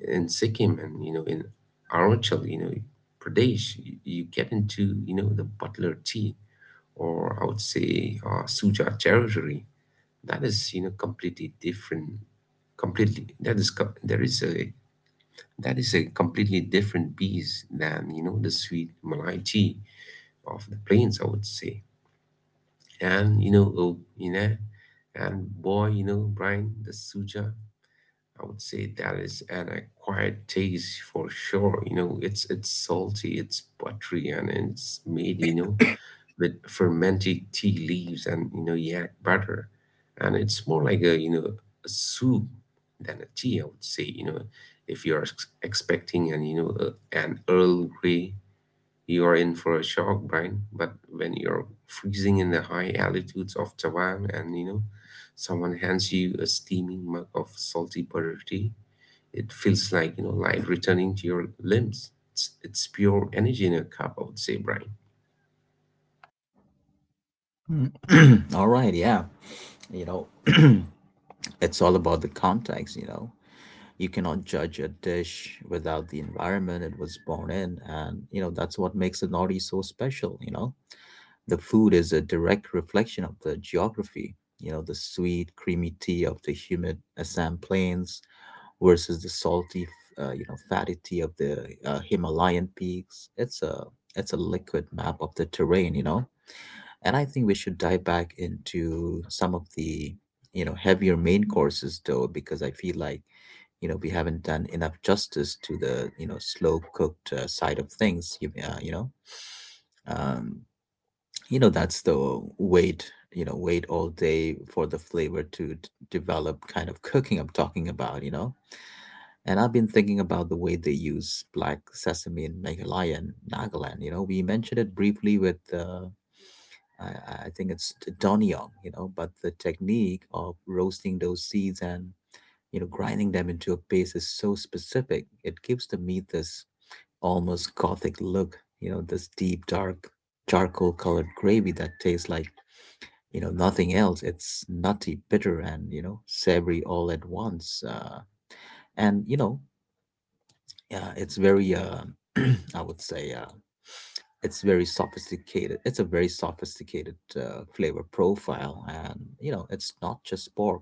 Speaker 2: In Sikkim and in Arunachal Pradesh, you get into the butler tea, or I would say Suja territory. That is completely different. Completely that is co- there is a that is a completely different beast than the sweet malai tea of the plains, I would say. And you know oh, you know and Boy Brian, the Suja, I would say, that is an acquired taste for sure. It's salty, it's buttery, and it's made with fermented tea leaves and yak butter. And it's more like a a soup than a tea, I would say if you're expecting an an Earl Grey, you're in for a shock, Brian. But when you're freezing in the high altitudes of Taiwan, and someone hands you a steaming mug of salty butter tea, it feels like life returning to your limbs. It's pure energy in a cup, I would say, Brian.
Speaker 1: mm. all right, yeah, you know, it's all about the context, you know. You cannot judge a dish without the environment it was born in, and you know, that's what makes the Nordic so special. You know, the food is a direct reflection of the geography. You know, the sweet creamy tea of the humid Assam plains versus the salty you know, fatty tea of the Himalayan peaks. It's a liquid map of the terrain, you know. And I think we should dive back into some of the, you know, heavier main courses though, because I feel like, you know, we haven't done enough justice to the, you know, slow cooked side of things. Um, you know, that's the wait, you know, wait all day for the flavor to develop kind of cooking I'm talking about, you know. And I've been thinking about the way they use black sesame in Meghalaya and Nagaland. You know, we mentioned it briefly with, uh, I think it's Donnyong, you know, but the technique of roasting those seeds and, you know, grinding them into a paste is so specific. It gives the meat this almost gothic look, you know, this deep, dark, charcoal colored gravy that tastes like, you know, nothing else. It's nutty, bitter, and, you know, savory all at once. And, you know, it's very, I would say, it's very sophisticated. It's a very sophisticated flavor profile. And, you know, it's not just pork.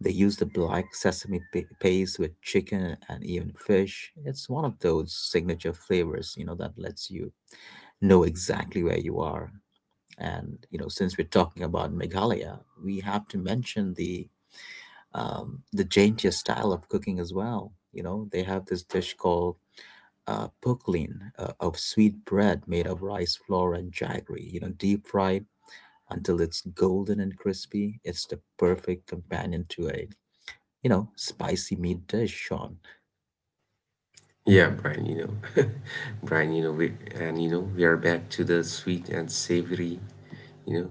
Speaker 1: They use the black sesame paste with chicken and even fish. It's one of those signature flavors, you know, that lets you know exactly where you are. And you know, since we're talking about Meghalaya, we have to mention the Jaintia style of cooking as well. You know, they have this dish called puklin, of sweet bread made of rice flour and jaggery. You know, deep fried until it's golden and crispy. It's the perfect companion to a, you know, spicy meat dish, Sean.
Speaker 2: Yeah, Brian Brian, we and you know, we are back to the sweet and savory, you know,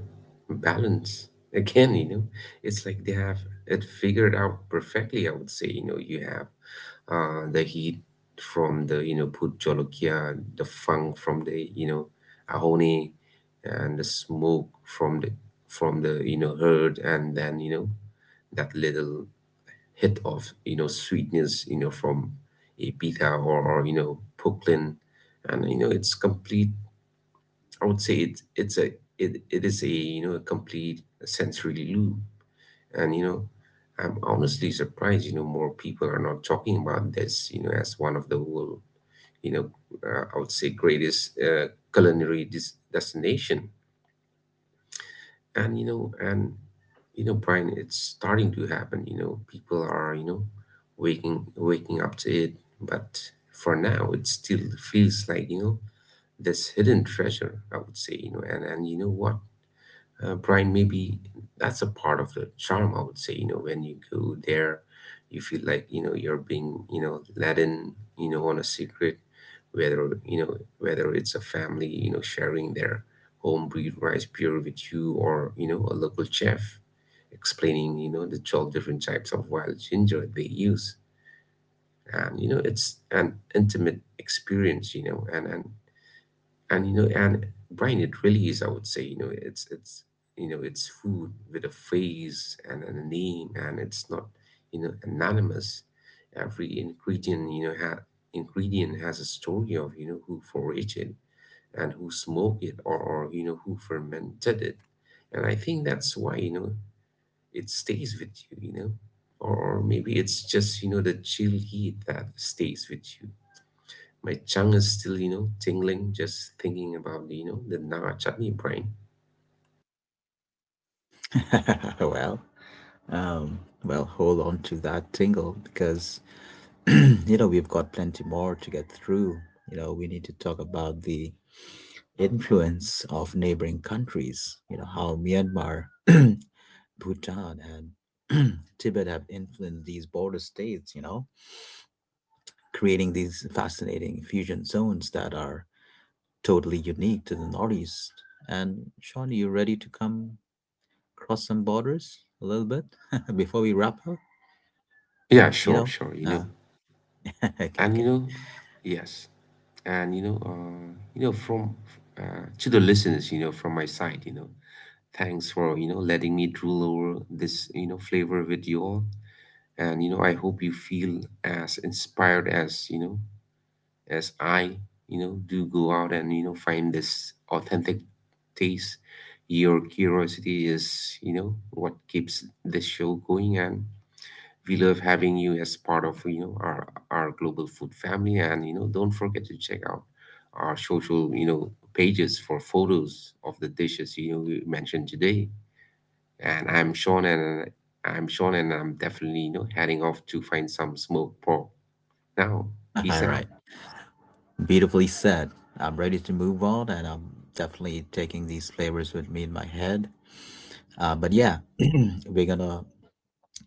Speaker 2: balance again. It's like they have it figured out perfectly. I would say, you have the heat from the Put Jolokia, the funk from the Ahone, and the smoke from the, from the herd, and then that little hit of sweetness from a Ibiza, or Brooklyn, and it's complete. I would say it is a a complete sensory loop, and I'm honestly surprised more people are not talking about this as one of the world you know I would say greatest culinary destination. And you know Brian, it's starting to happen. People are waking up to it, but for now it still feels like this hidden treasure, I would say and you know what Brian, maybe that's a part of the charm, I would say. When you go there, you feel like you're being let in on a secret, whether whether it's a family sharing their homebrewed rice beer with you, or a local chef explaining the 12 different types of wild ginger they use. And it's an intimate experience, you know, and you know and Brian. It really is, I would say you know it's you know it's food with a face and, a name, and it's not anonymous. Every ingredient ingredient has a story of who foraged it and who smoked it, or who fermented it. And I think that's why it stays with you you know or maybe it's just the chill heat that stays with you. My tongue is still tingling just thinking about the Naga chutney, brain.
Speaker 1: well, well, hold on to that tingle, because, you know, we've got plenty more to get through. You know, we need to talk about the influence of neighboring countries, you know, how Myanmar, Bhutan, and Tibet have influenced these border states, you know, creating these fascinating fusion zones that are totally unique to the Northeast. And Sean, are you ready to come cross some borders a little bit before we wrap up?
Speaker 2: Yeah,
Speaker 1: You
Speaker 2: sure,
Speaker 1: know?
Speaker 2: sure.
Speaker 1: Okay,
Speaker 2: And you
Speaker 1: okay.
Speaker 2: know, yes. And you know, from To the listeners from my side thanks for letting me drool over this flavor with you all. I hope you feel as inspired as, you know, as I, you know, do. Go out and find this authentic taste. Your curiosity is what keeps this show going, and we love having you as part of our global food family. And don't forget to check out our social pages for photos of the dishes we mentioned today. And I'm Sean and I'm Sean, and I'm definitely heading off to find some smoked pork. Now, peace
Speaker 1: All
Speaker 2: out.
Speaker 1: right. Beautifully said. I'm ready to move on, and I'm definitely taking these flavors with me in my head. But yeah, we're gonna,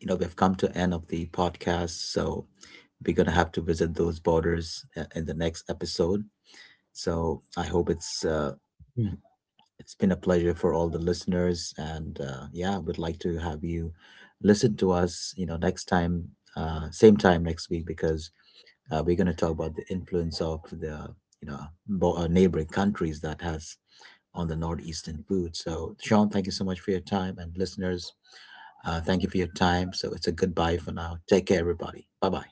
Speaker 1: you know, we've come to end of the podcast, so we're gonna have to visit those borders in the next episode. So I hope it's it's been a pleasure for all the listeners, and yeah, we'd like to have you listen to us. You know, next time, same time next week, because we're going to talk about the influence of the, you know, neighboring countries that has on the northeastern food. So, Sean, thank you so much for your time, and listeners, thank you for your time. So, it's a goodbye for now. Take care, everybody. Bye bye.